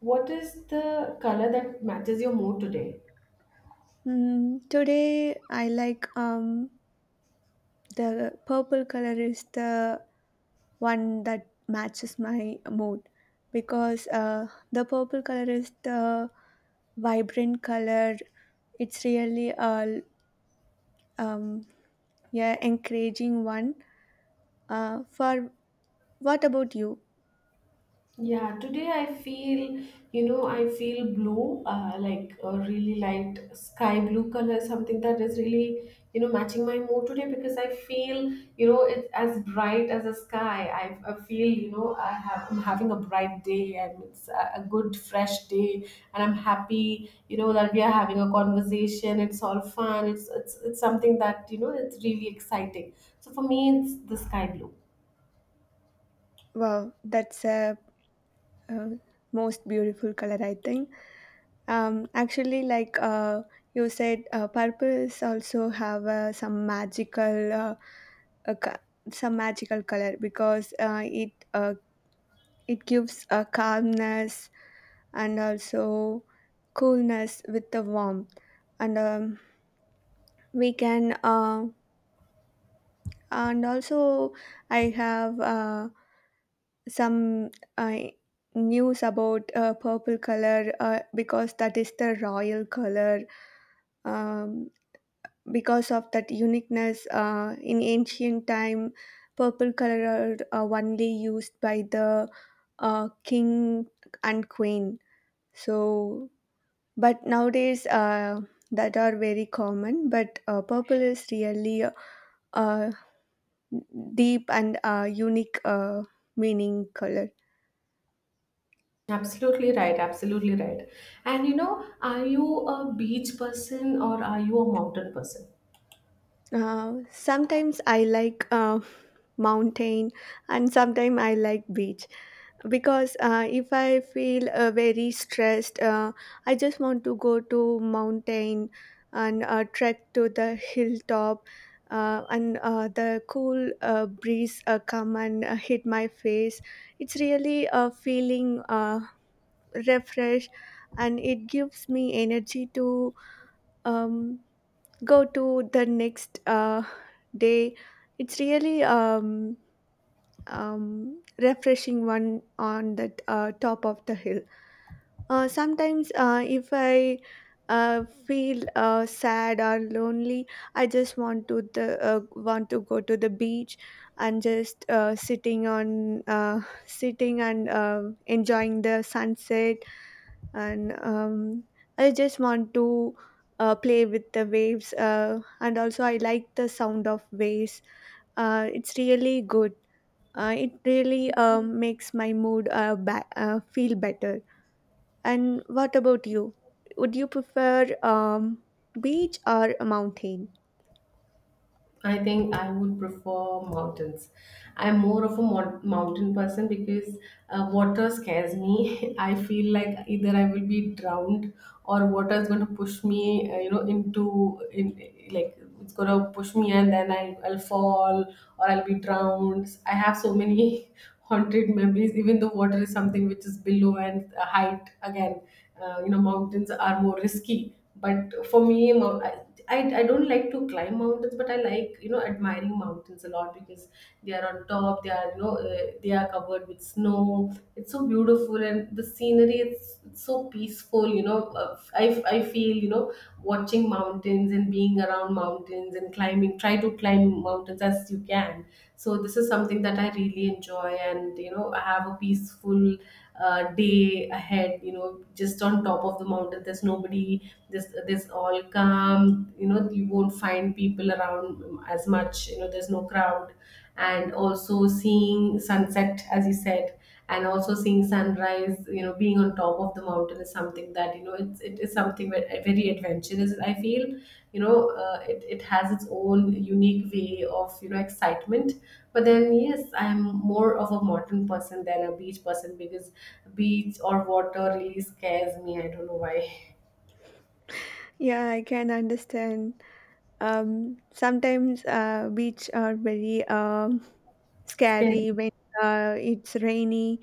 What is the color that matches your mood today? Hmm. Today I like the purple color is the one that matches my mood because the purple color is the vibrant color. It's really a, um, yeah, encouraging one. For What about you? Yeah, today I feel, I feel blue, like a really light sky blue color, something that is really, matching my mood today because I feel, it's as bright as the sky. I feel, I have, I'm having a bright day, and it's a good, fresh day, and I'm happy, that we are having a conversation. It's all fun. It's something that it's really exciting. So for me, it's the sky blue. Wow, that's a, uh most beautiful color, I think. Actually, like you said, purples also have some magical, uh, co- some magical color because it it gives a calmness and also coolness with the warmth, and we can, and also I have some uh, news about purple color, because that is the royal color. Um, because of that uniqueness, in ancient time purple color are only used by the king and queen, so but nowadays, that are very common, but purple is really a deep and unique, meaning color. Absolutely right, absolutely right. And you know, are you a beach person or are you a mountain person? Sometimes I like mountain, and sometimes I like beach because if I feel very stressed, I just want to go to mountain and trek to the hilltop, and the cool breeze come and hit my face. It's really a feeling, refreshed, and it gives me energy to um, go to the next day. It's really refreshing one on the top of the hill. Sometimes, if I feel sad or lonely, I just want to the want to go to the beach and just sitting on sitting and enjoying the sunset. And I just want to play with the waves. And also, I like the sound of waves. It's really good. It really makes my mood feel better. And what about you? Would you prefer beach or a mountain? I think I would prefer mountains. I'm more of a mountain person because water scares me. I feel like either I will be drowned, or water is going to push me, into in, like it's going to push me and then I'll fall or I'll be drowned. I have so many haunted memories. Even though water is something which is below, and height again, mountains are more risky, but for me I don't like to climb mountains, but I like, you know, admiring mountains a lot because they are on top, they are, they are covered with snow. It's so beautiful, and the scenery, it's so peaceful, I feel, you know, watching mountains and being around mountains and climbing try to climb mountains as you can. So this is something that I really enjoy, and you know, I have a peaceful day ahead, you know, just on top of the mountain. There's nobody. This all calm, you know, you won't find people around as much. You know, there's no crowd, and also seeing sunset as you said, and also seeing sunrise. You know, being on top of the mountain is something that, you know, it is something very adventurous, I feel. You know, it has its own unique way of, you know, excitement. But then, yes, I'm more of a modern person than a beach person, because beach or water really scares me. I don't know why. Yeah, I can understand. Sometimes beach are very Scary. scary when it's rainy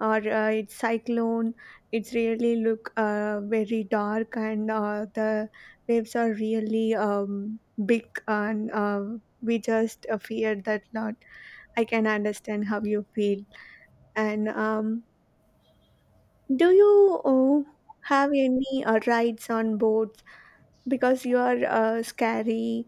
or its cyclone. It's really look very dark, and the waves are really big, and we just fear that lot. I can understand how you feel. And do you have any rides on boats, because you are scary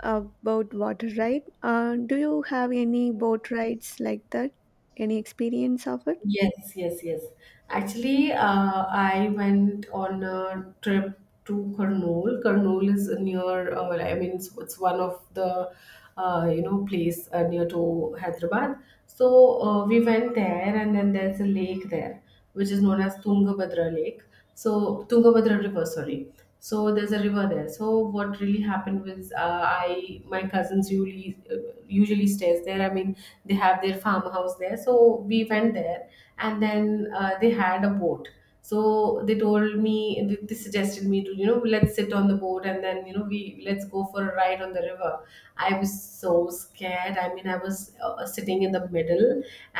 about water, right? Do you have any boat rides like that, any experience of it? Yes, yes, yes. Actually, I went on a trip to Kurnool. Kurnool is near, well, I mean, it's one of the, place near to Hyderabad. So we went there, and then there's a lake there, which is known as Tungabhadra Lake. So Tungabhadra River, sorry. So there's a river there. So what really happened was, I, my cousins usually usually stays there. I mean, they have their farmhouse there. So we went there, and then they had a boat. So they told me, they suggested me to, you know, let's sit on the boat, and then, you know, we let's go for a ride on the river. I was so scared. I mean, I was sitting in the middle,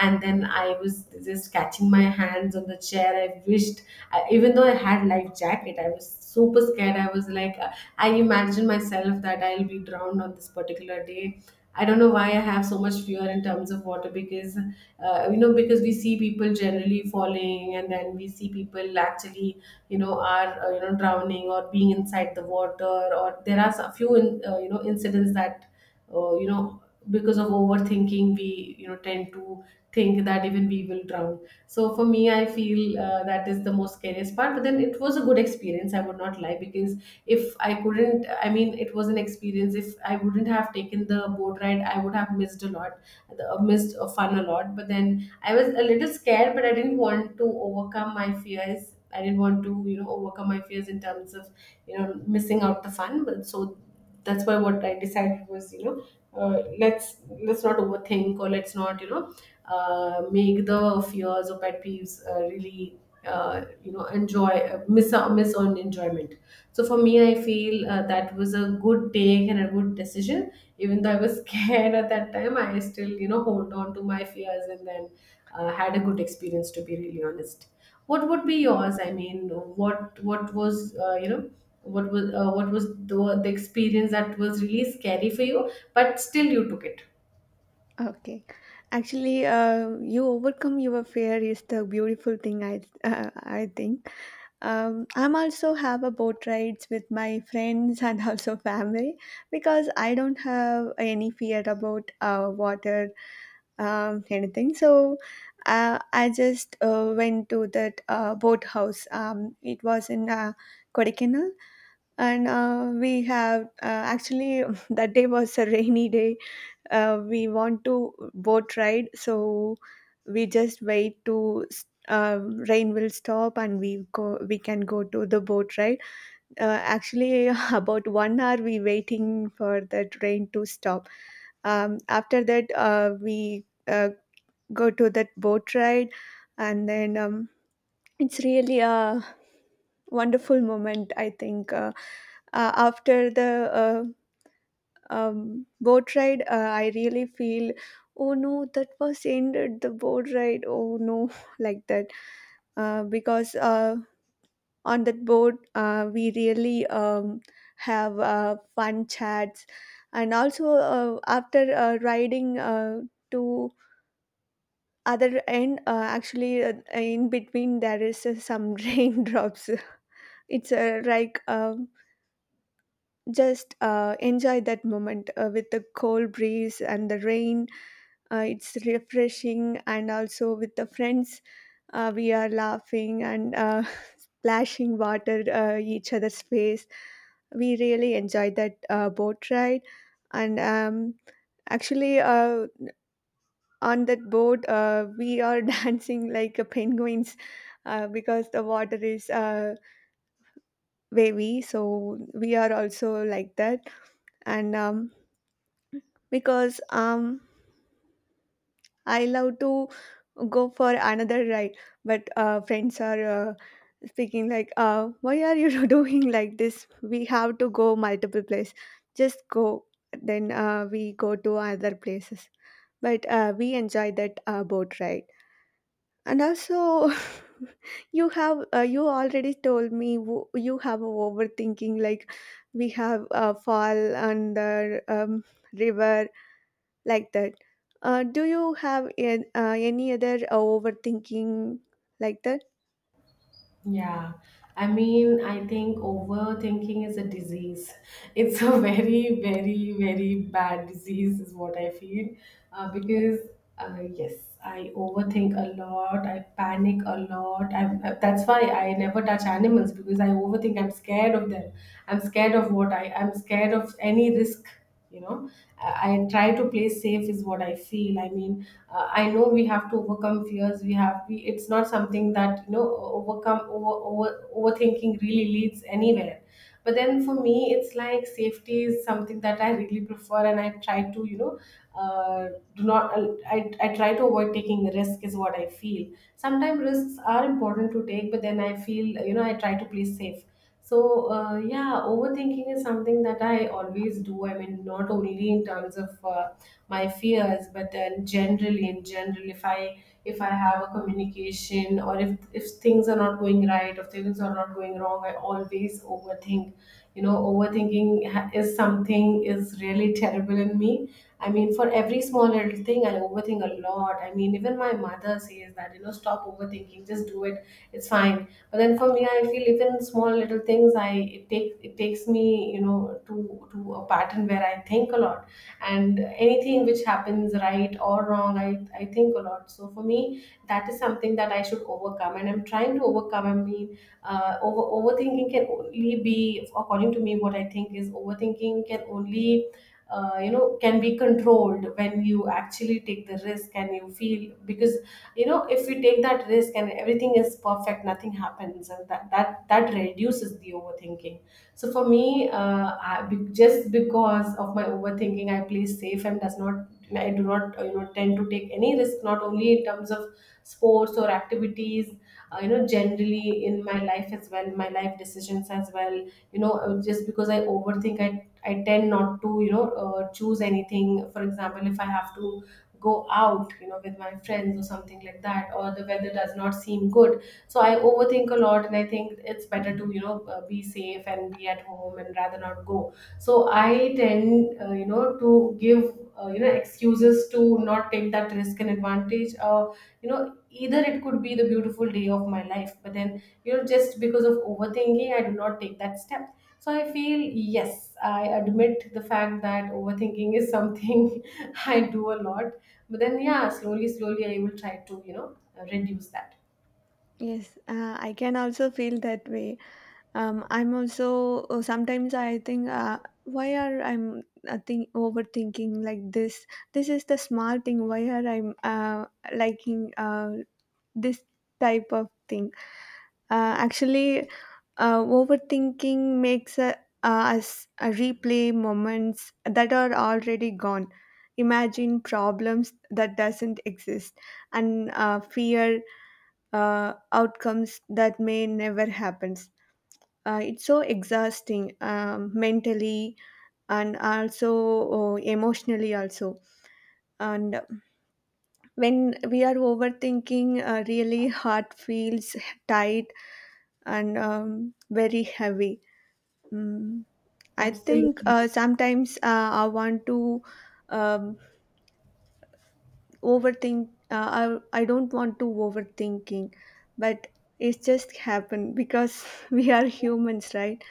and then I was just catching my hands on the chair. I wished I, even though I had life jacket, I was super scared. I was like, I imagined myself that I'll be drowned on this particular day. I don't know why I have so much fear in terms of water, because you know, because we see people generally falling, and then we see people actually, you know, are you know, drowning or being inside the water. Or there are a few you know, incidents that you know, because of overthinking, we, you know, tend to think that even we will drown. So for me, I feel that is the most scariest part. But then it was a good experience, I would not lie, because if I couldn't, I mean, it was an experience. If I wouldn't have taken the boat ride, I would have missed a lot. Missed a fun a lot. But then I was a little scared, but I didn't want to overcome my fears. I didn't want to, you know, overcome my fears in terms of, you know, missing out the fun. But so that's why what I decided was, you know, let's not overthink, or let's not, you know, make the fears or pet peeves really you know, enjoy, miss on enjoyment. So for me, I feel that was a good take and a good decision. Even though I was scared at that time, I still, you know, hold on to my fears, and then had a good experience, to be really honest. What would be yours? I mean, what was, what was what was the experience that was really scary for you, but still you took it. Okay. Actually, you overcome your fear is the beautiful thing, I think. I'm also have a boat rides with my friends and also family because I don't have any fear about water, anything. So. I just went to that boat house. It was in Kodaikanal, and we have actually that day was a rainy day. We want to boat ride, so we just wait to rain will stop and we can go to the boat ride. Actually, about 1 hour we waiting for that rain to stop. After that we go to that boat ride, and then it's really a wonderful moment, I think. Uh, After the boat ride, I really feel, oh no, that was ended the boat ride. Oh no, like that, because on that boat we really have fun chats, and also after riding to other end, actually in between there is some raindrops. It's like. Just enjoy that moment with the cold breeze and the rain. It's refreshing, and also with the friends, we are laughing and splashing water each other's face. We really enjoyed that boat ride, and actually, on that boat, we are dancing like penguins because the water is wavy. So we are also like that, and because I love to go for another ride, but friends are speaking like why are you doing like this, we have to go multiple place, just go. Then we go to other places, but we enjoy that boat ride. And also, you already told me you have overthinking, like we have a fall on the river, like that. Do you have any other overthinking like that? Yeah, I mean, I think overthinking is a disease. It's a very, very, very bad disease, is what I feel. Uh, because, yes, I overthink a lot, I panic a lot. That's why I never touch animals because I overthink. I'm scared of them. I'm scared of what I, I'm scared of any risk, you know. I try to play safe, is what I feel. I mean, I know we have to overcome fears. It's not something that, you know, overcome over, over overthinking really leads anywhere. But then for me it's like safety is something that I really prefer, and I try to, you know, uh, do not I, I try to avoid taking risk, is what I feel. Sometimes risks are important to take, but then I feel, you know, I try to play safe. So, yeah, overthinking is something that I always do. I mean, not only in terms of my fears, but then generally, in general, if I have a communication, or if things are not going right, or things are not going wrong, I always overthink. You know, is something is really terrible in me. I mean, for every small little thing, I overthink a lot. I mean, even my mother says that, you know, stop overthinking, just do it. It's fine. But then for me I feel even small little things, I it take it takes me, you know, to a pattern where I think a lot. And anything which happens right or wrong, I think a lot. So for me, that is something that I should overcome, and I'm trying to overcome. I mean, overthinking can only be, according to me, what I think is, overthinking can only you know, can be controlled when you actually take the risk, and you feel, because you know, if we take that risk and everything is perfect, nothing happens, and that reduces the overthinking. So for me, just because of my overthinking, I play safe and does not, I do not, you know, tend to take any risk, not only in terms of sports or activities, you know, generally in my life as well, my life decisions as well. You know, just because I overthink, I tend not to, you know, choose anything. For example, if I have to go out, you know, with my friends or something like that, or the weather does not seem good, so I overthink a lot, and I think it's better to, you know, be safe and be at home and rather not go. So I tend, you know, to give you know, excuses to not take that risk and advantage. You know, either it could be the beautiful day of my life, but then, you know, just because of overthinking, I do not take that step. So I feel, yes, I admit the fact that overthinking is something I do a lot. But then, yeah, slowly, slowly, I will try to, you know, reduce that. Yes, I can also feel that way. I'm also sometimes I think, why are I'm think overthinking like this? This is the small thing. Why are I'm liking this type of thing? Actually, overthinking makes us replay moments that are already gone, imagine problems that doesn't exist, and fear outcomes that may never happen. It's so exhausting mentally and also emotionally also. And when we are overthinking, really heart feels tight and very heavy. Mm, I think Absolutely. Sometimes I want to um, overthink. I don't want to overthinking, but it's just happen because we are humans, right?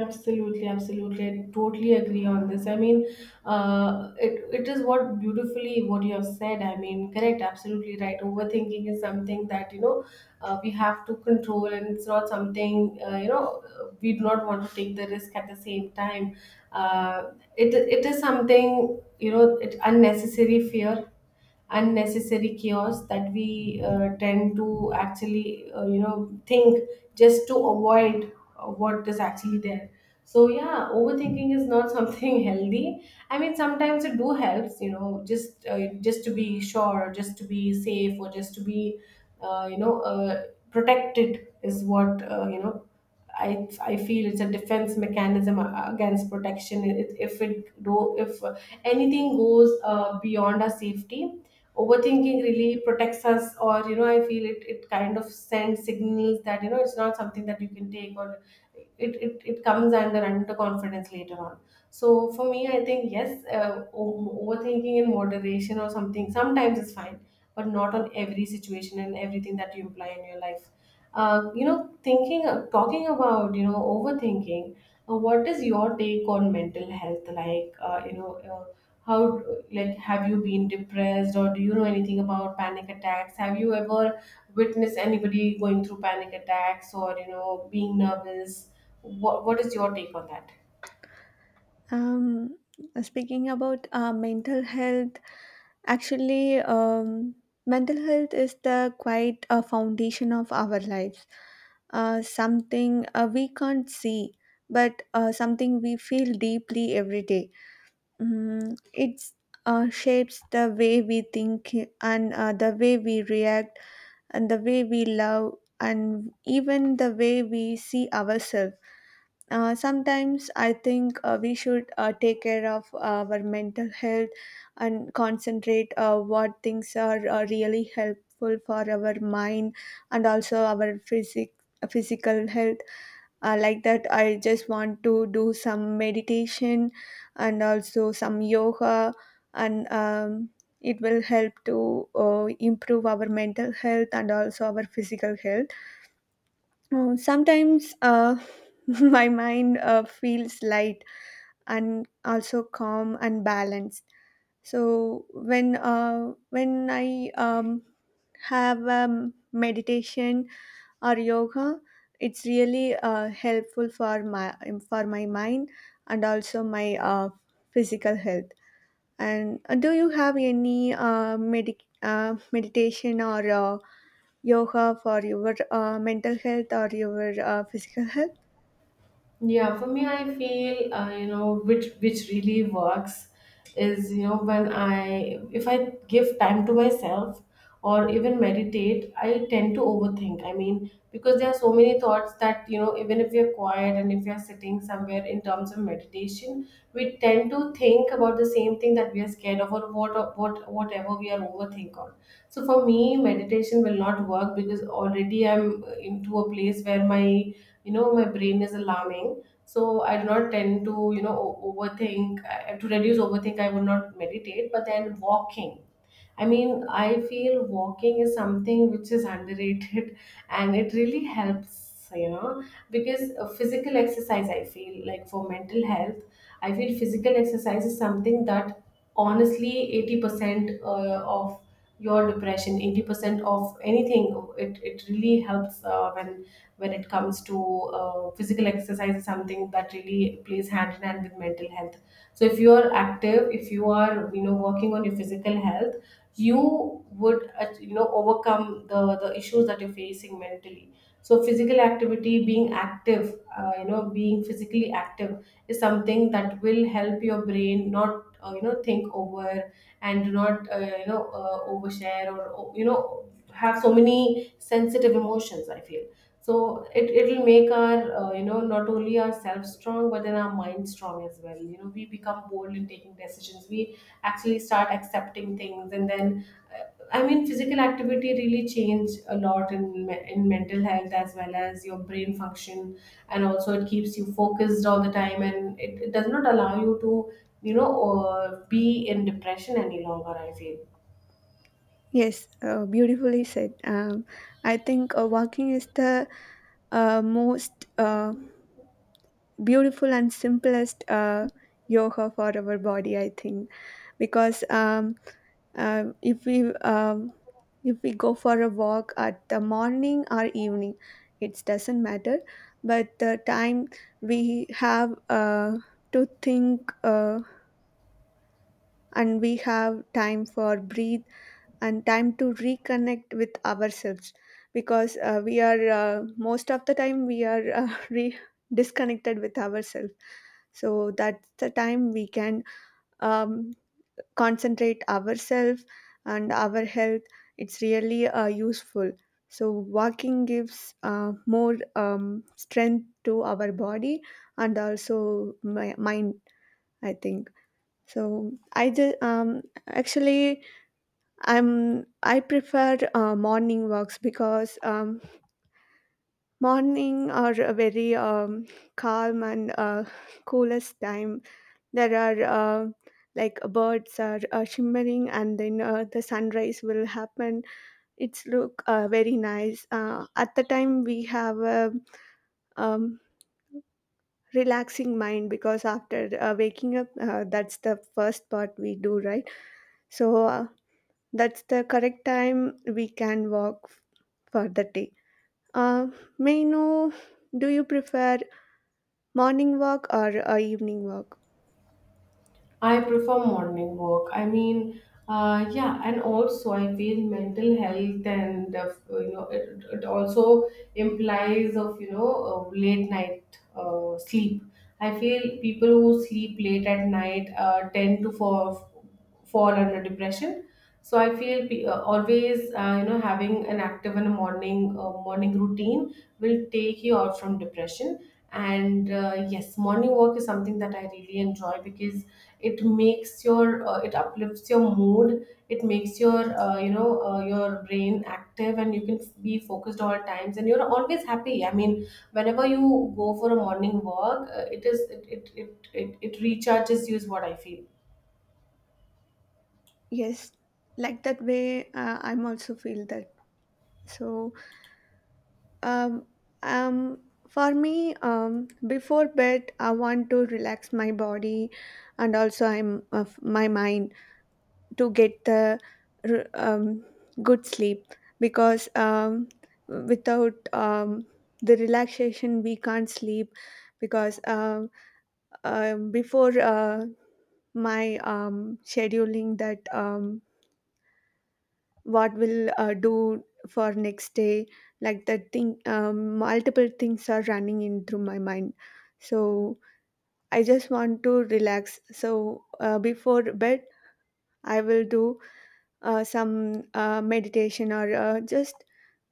Absolutely, absolutely. I totally agree on this. I mean, it it is what beautifully what you have said. I mean, correct, absolutely right. Overthinking is something that, you know, we have to control, and it's not something, we do not want to take the risk at the same time. It is something, you know, it unnecessary fear, unnecessary chaos that we tend to actually, you know, think just to avoid what is actually there. So yeah, overthinking is not something healthy. I mean, sometimes it do helps, you know, just to be sure, just to be safe, or just to be uh, you know uh, protected is what, you know, I feel it's a defense mechanism against protection. If it do, if anything goes beyond our safety, overthinking really protects us. Or you know, I feel it kind of sends signals that, you know, it's not something that you can take. Or it comes under underconfidence later on. So for me, I think, yes, overthinking in moderation or something sometimes is fine, but not on every situation and everything that you apply in your life. You know, thinking, talking about, you know, overthinking. What is your take on mental health, like, how, like, have you been depressed, or do you know anything about panic attacks? Have you ever witnessed anybody going through panic attacks or, you know, being nervous? What is your take on that? Um, Speaking about mental health, actually, mental health is the quite a foundation of our lives. Something we can't see, but something we feel deeply every day. Mm, it's shapes the way we think, and the way we react, and the way we love, and even the way we see ourselves. Sometimes I think we should take care of our mental health, and concentrate what things are really helpful for our mind, and also our physical health. Like that, I just want to do some meditation and also some yoga, and it will help to improve our mental health and also our physical health. Oh, sometimes my mind feels light and also calm and balanced. So when I have meditation or yoga, it's really helpful for my mind and also my physical health. And do you have any meditation or yoga for your mental health or your physical health? Yeah, for me, I feel, you know, which really works is, you know, when I, if I give time to myself or even meditate, I tend to overthink. I mean, because there are so many thoughts that, you know, even if we are quiet and if we are sitting somewhere in terms of meditation, we tend to think about the same thing that we are scared of, or what whatever we are overthink on. So for me, meditation will not work because already I'm into a place where my, you know, my brain is alarming. So I do not tend to, you know, overthink. To reduce overthink, I would not meditate, but then walking. I mean, I feel walking is something which is underrated and it really helps, you know, because physical exercise, I feel, like for mental health, I feel physical exercise is something that honestly 80% of your depression, 80% of anything, it really helps when it comes to physical exercise is something that really plays hand in hand with mental health. So if you are active, if you are, you know, working on your physical health, you would, you know, overcome the issues that you're facing mentally. So physical activity, being active, you know, being physically active is something that will help your brain not, you know, think over and do not, you know, overshare or, you know, have so many sensitive emotions, I feel. So it it'll make our, you know, not only ourselves strong, but then our mind strong as well. You know, we become bold in taking decisions. We actually start accepting things and then, uh, I mean, physical activity really change a lot in in mental health as well as your brain function. And also it keeps you focused all the time, and it does not allow you to, you know, be in depression any longer, I feel. Yes, beautifully said. I think walking is the most beautiful and simplest yoga for our body, I think. Because um, if we um, if we go for a walk at the morning or evening, it doesn't matter, but the time we have to think and we have time for breathe and time to reconnect with ourselves, because we are most of the time we are disconnected with ourselves, so that's the time we can um, concentrate ourselves and our health. It's really useful. So walking gives more strength to our body and also my mind, I think. So I just actually, i'm I prefer morning walks because morning are a very calm and coolest time. There are uh, like birds are shimmering, and then the sunrise will happen. It's look very nice. At the time we have a um, relaxing mind, because after waking up that's the first part we do, right? So that's the correct time we can walk for the day. uh, may I know, do you prefer morning walk or evening walk? I prefer morning walk. I mean, yeah. And also I feel mental health and, you know, it also implies of, you know, late night sleep. I feel people who sleep late at night tend to fall, fall under depression. So I feel always, you know, having an active and a morning morning routine will take you out from depression. And yes, morning walk is something that I really enjoy because it makes your, it uplifts your mood. It makes your, your brain active, and you can be focused all times, and you're always happy. I mean, whenever you go for a morning walk, it is, it recharges you is what I feel. Yes, like that way I'm also feel that. So, um, um, for me, before bed, I want to relax my body and also I'm of my mind to get the r- um, good sleep, because without the relaxation, we can't sleep, because before my scheduling that what will do for next day, like that thing multiple things are running in through my mind. So I just want to relax, so before bed I will do some meditation or just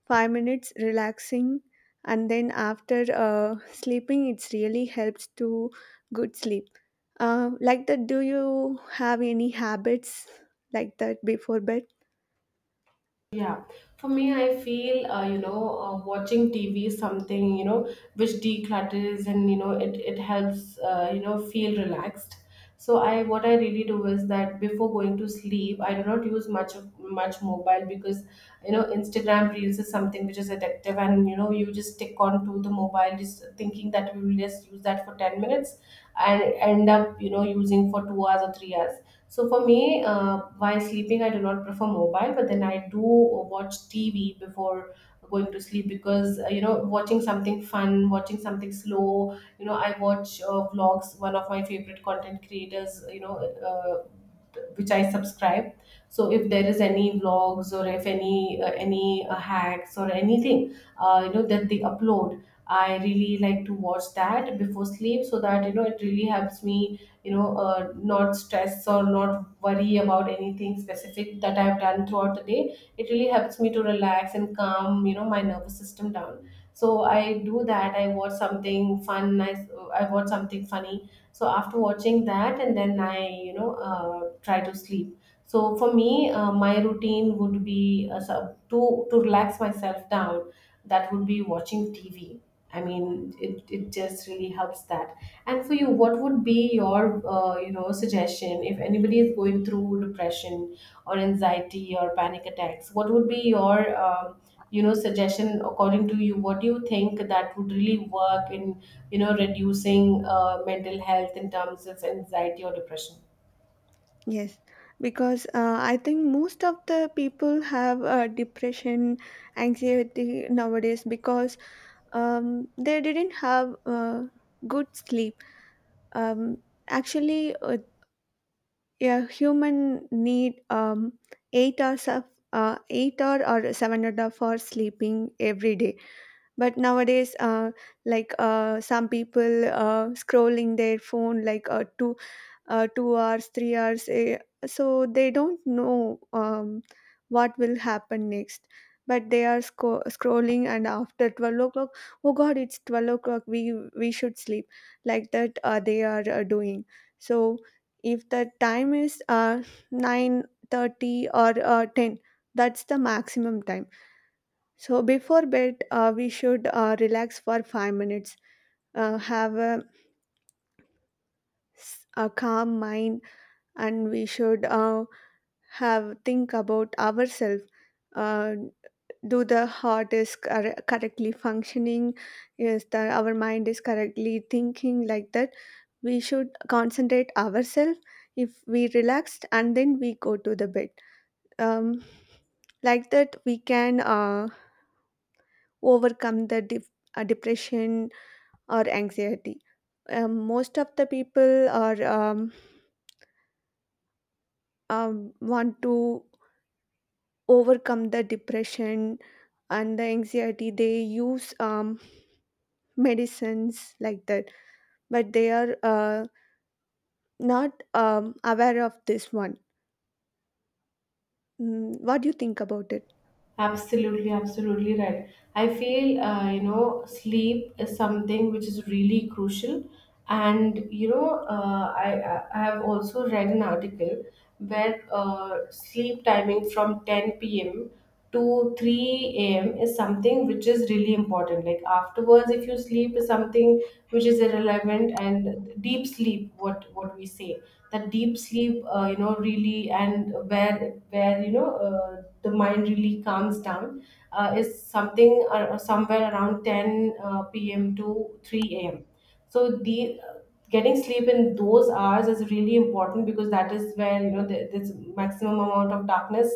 5 minutes relaxing, and then after sleeping it's really helps to good sleep. Like that, do you have any habits like that before bed? Yeah, for me, I feel, watching TV is something, you know, which declutters, and you know it helps, you know, feel relaxed. So I, what I really do is that before going to sleep, I do not use much of much mobile, because you know Instagram Reels is something which is addictive, and you know you just stick on to the mobile, just thinking that we will just use that for 10 minutes, and end up, you know, using for 2 hours or 3 hours. So for me, while sleeping, I do not prefer mobile, but then I do watch TV before going to sleep because, you know, watching something fun, watching something slow. You know, I watch vlogs. One of my favorite content creators, you know, which I subscribe. So if there is any vlogs, or if any any hacks or anything, you know, that they upload, I really like to watch that before sleep, so that you know it really helps me, you know, not stress or not worry about anything specific that I've done throughout the day. It really helps me to relax and calm, you know, my nervous system down. So I do that. I watch something fun. I watch something funny. So after watching that, and then I, you know, try to sleep. So for me, my routine would be, to relax myself down, that would be watching TV. I mean, it just really helps that. And for you, what would be your, you know, suggestion if anybody is going through depression or anxiety or panic attacks? What would be your, you know, suggestion according to you? What do you think that would really work in, you know, reducing mental health in terms of anxiety or depression? Yes, because I think most of the people have depression, anxiety nowadays because they didn't have good sleep. Um, Actually, a human need 8 hours of 8 hour or 7.5 hours sleeping every day, but nowadays like some people scrolling their phone like 2 hours, 3 hours, so they don't know what will happen next, but they are scrolling, and after 12 o'clock, oh god, it's 12 o'clock, we should sleep, like that they are doing. So if the time is 9:30 or 10, that's the maximum time. So before bed, we should relax for 5 minutes, have a calm mind, and we should have think about ourselves. Uh, do the heart is correctly functioning? Is that our mind is correctly thinking like that? We should concentrate ourselves. If we relaxed and then we go to the bed. Um, like that we can overcome the depression or anxiety. Most of the people are want to overcome the depression and the anxiety. They use medicines like that, but they are not aware of this one. Mm, what do you think about it? Absolutely, absolutely right. I feel, you know, sleep is something which is really crucial. And, you know, I I have also read an article where sleep timing from 10 p.m. to 3 a.m. is something which is really important. Like afterwards, if you sleep is something which is irrelevant. And deep sleep, what we say, that deep sleep, you know, really, and where, you know, the mind really calms down is something, somewhere around 10 p.m. to 3 a.m. So the, getting sleep in those hours is really important, because that is where, you know, there's maximum amount of darkness,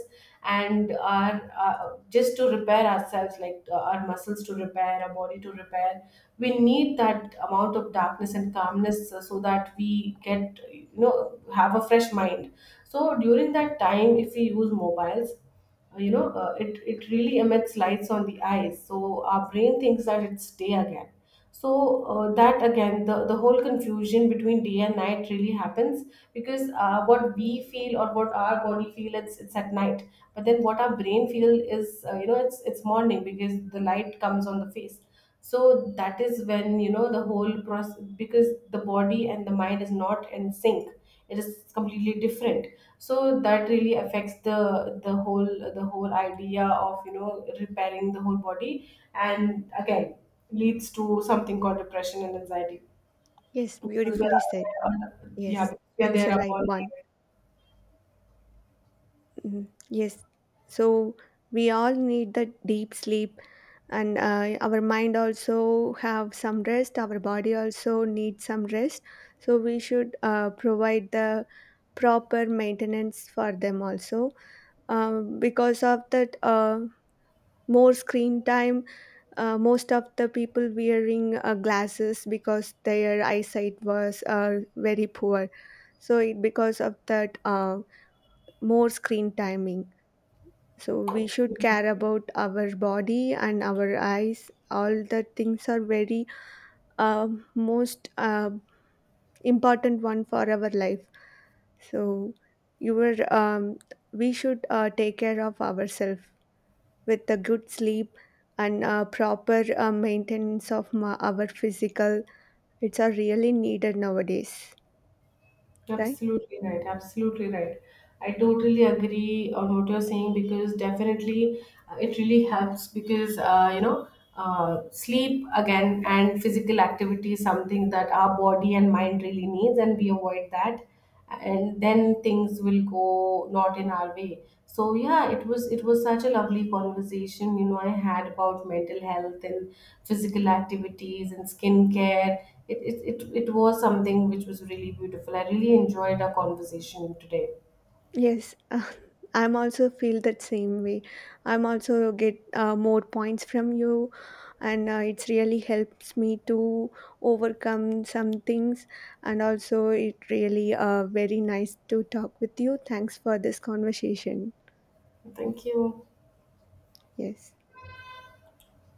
and our, uh, just to repair ourselves, like, our muscles to repair, our body to repair, we need that amount of darkness and calmness, so that we get, you know, have a fresh mind. So during that time, if we use mobiles, it really emits lights on the eyes, so our brain thinks that it's day again. So that again, the whole confusion between day and night really happens, because what we feel, or what our body feel, it's at night, but then what our brain feel is, you know, it's morning, because the light comes on the face. So that is when, you know, the whole process, because the body and the mind is not in sync, it is completely different. So that really affects the whole, the whole idea of, you know, repairing the whole body, and again leads to something called depression and anxiety, Yes, because we beautifully said. are, yeah, Yes, we are that's the there right upon. one. Mhm. Yes. So we all need the deep sleep, and our mind also have some rest, our body also needs some rest. So we should provide the proper maintenance for them also. Because of that more screen time, most of the people wearing glasses because their eyesight was very poor. Because of that more screen timing, so we should care about our body and our eyes. All the things are very most important one for our life. So you were we should take care of ourselves with a good sleep and proper maintenance of our physical. It's are really needed nowadays, right? Absolutely right. Absolutely right. I totally agree on what you're saying, because definitely it really helps, because, sleep again and physical activity is something that our body and mind really needs, and we avoid that, and then things will go not in our way. So yeah, it was such a lovely conversation, you know, I had about mental health and physical activities and skincare. It was something which was really beautiful. I really enjoyed our conversation today. Yes, I'm also feel that same way. I'm also get more points from you, and it's really helps me to overcome some things. And also, it really very nice to talk with you. Thanks for this conversation. Thank you. Yes.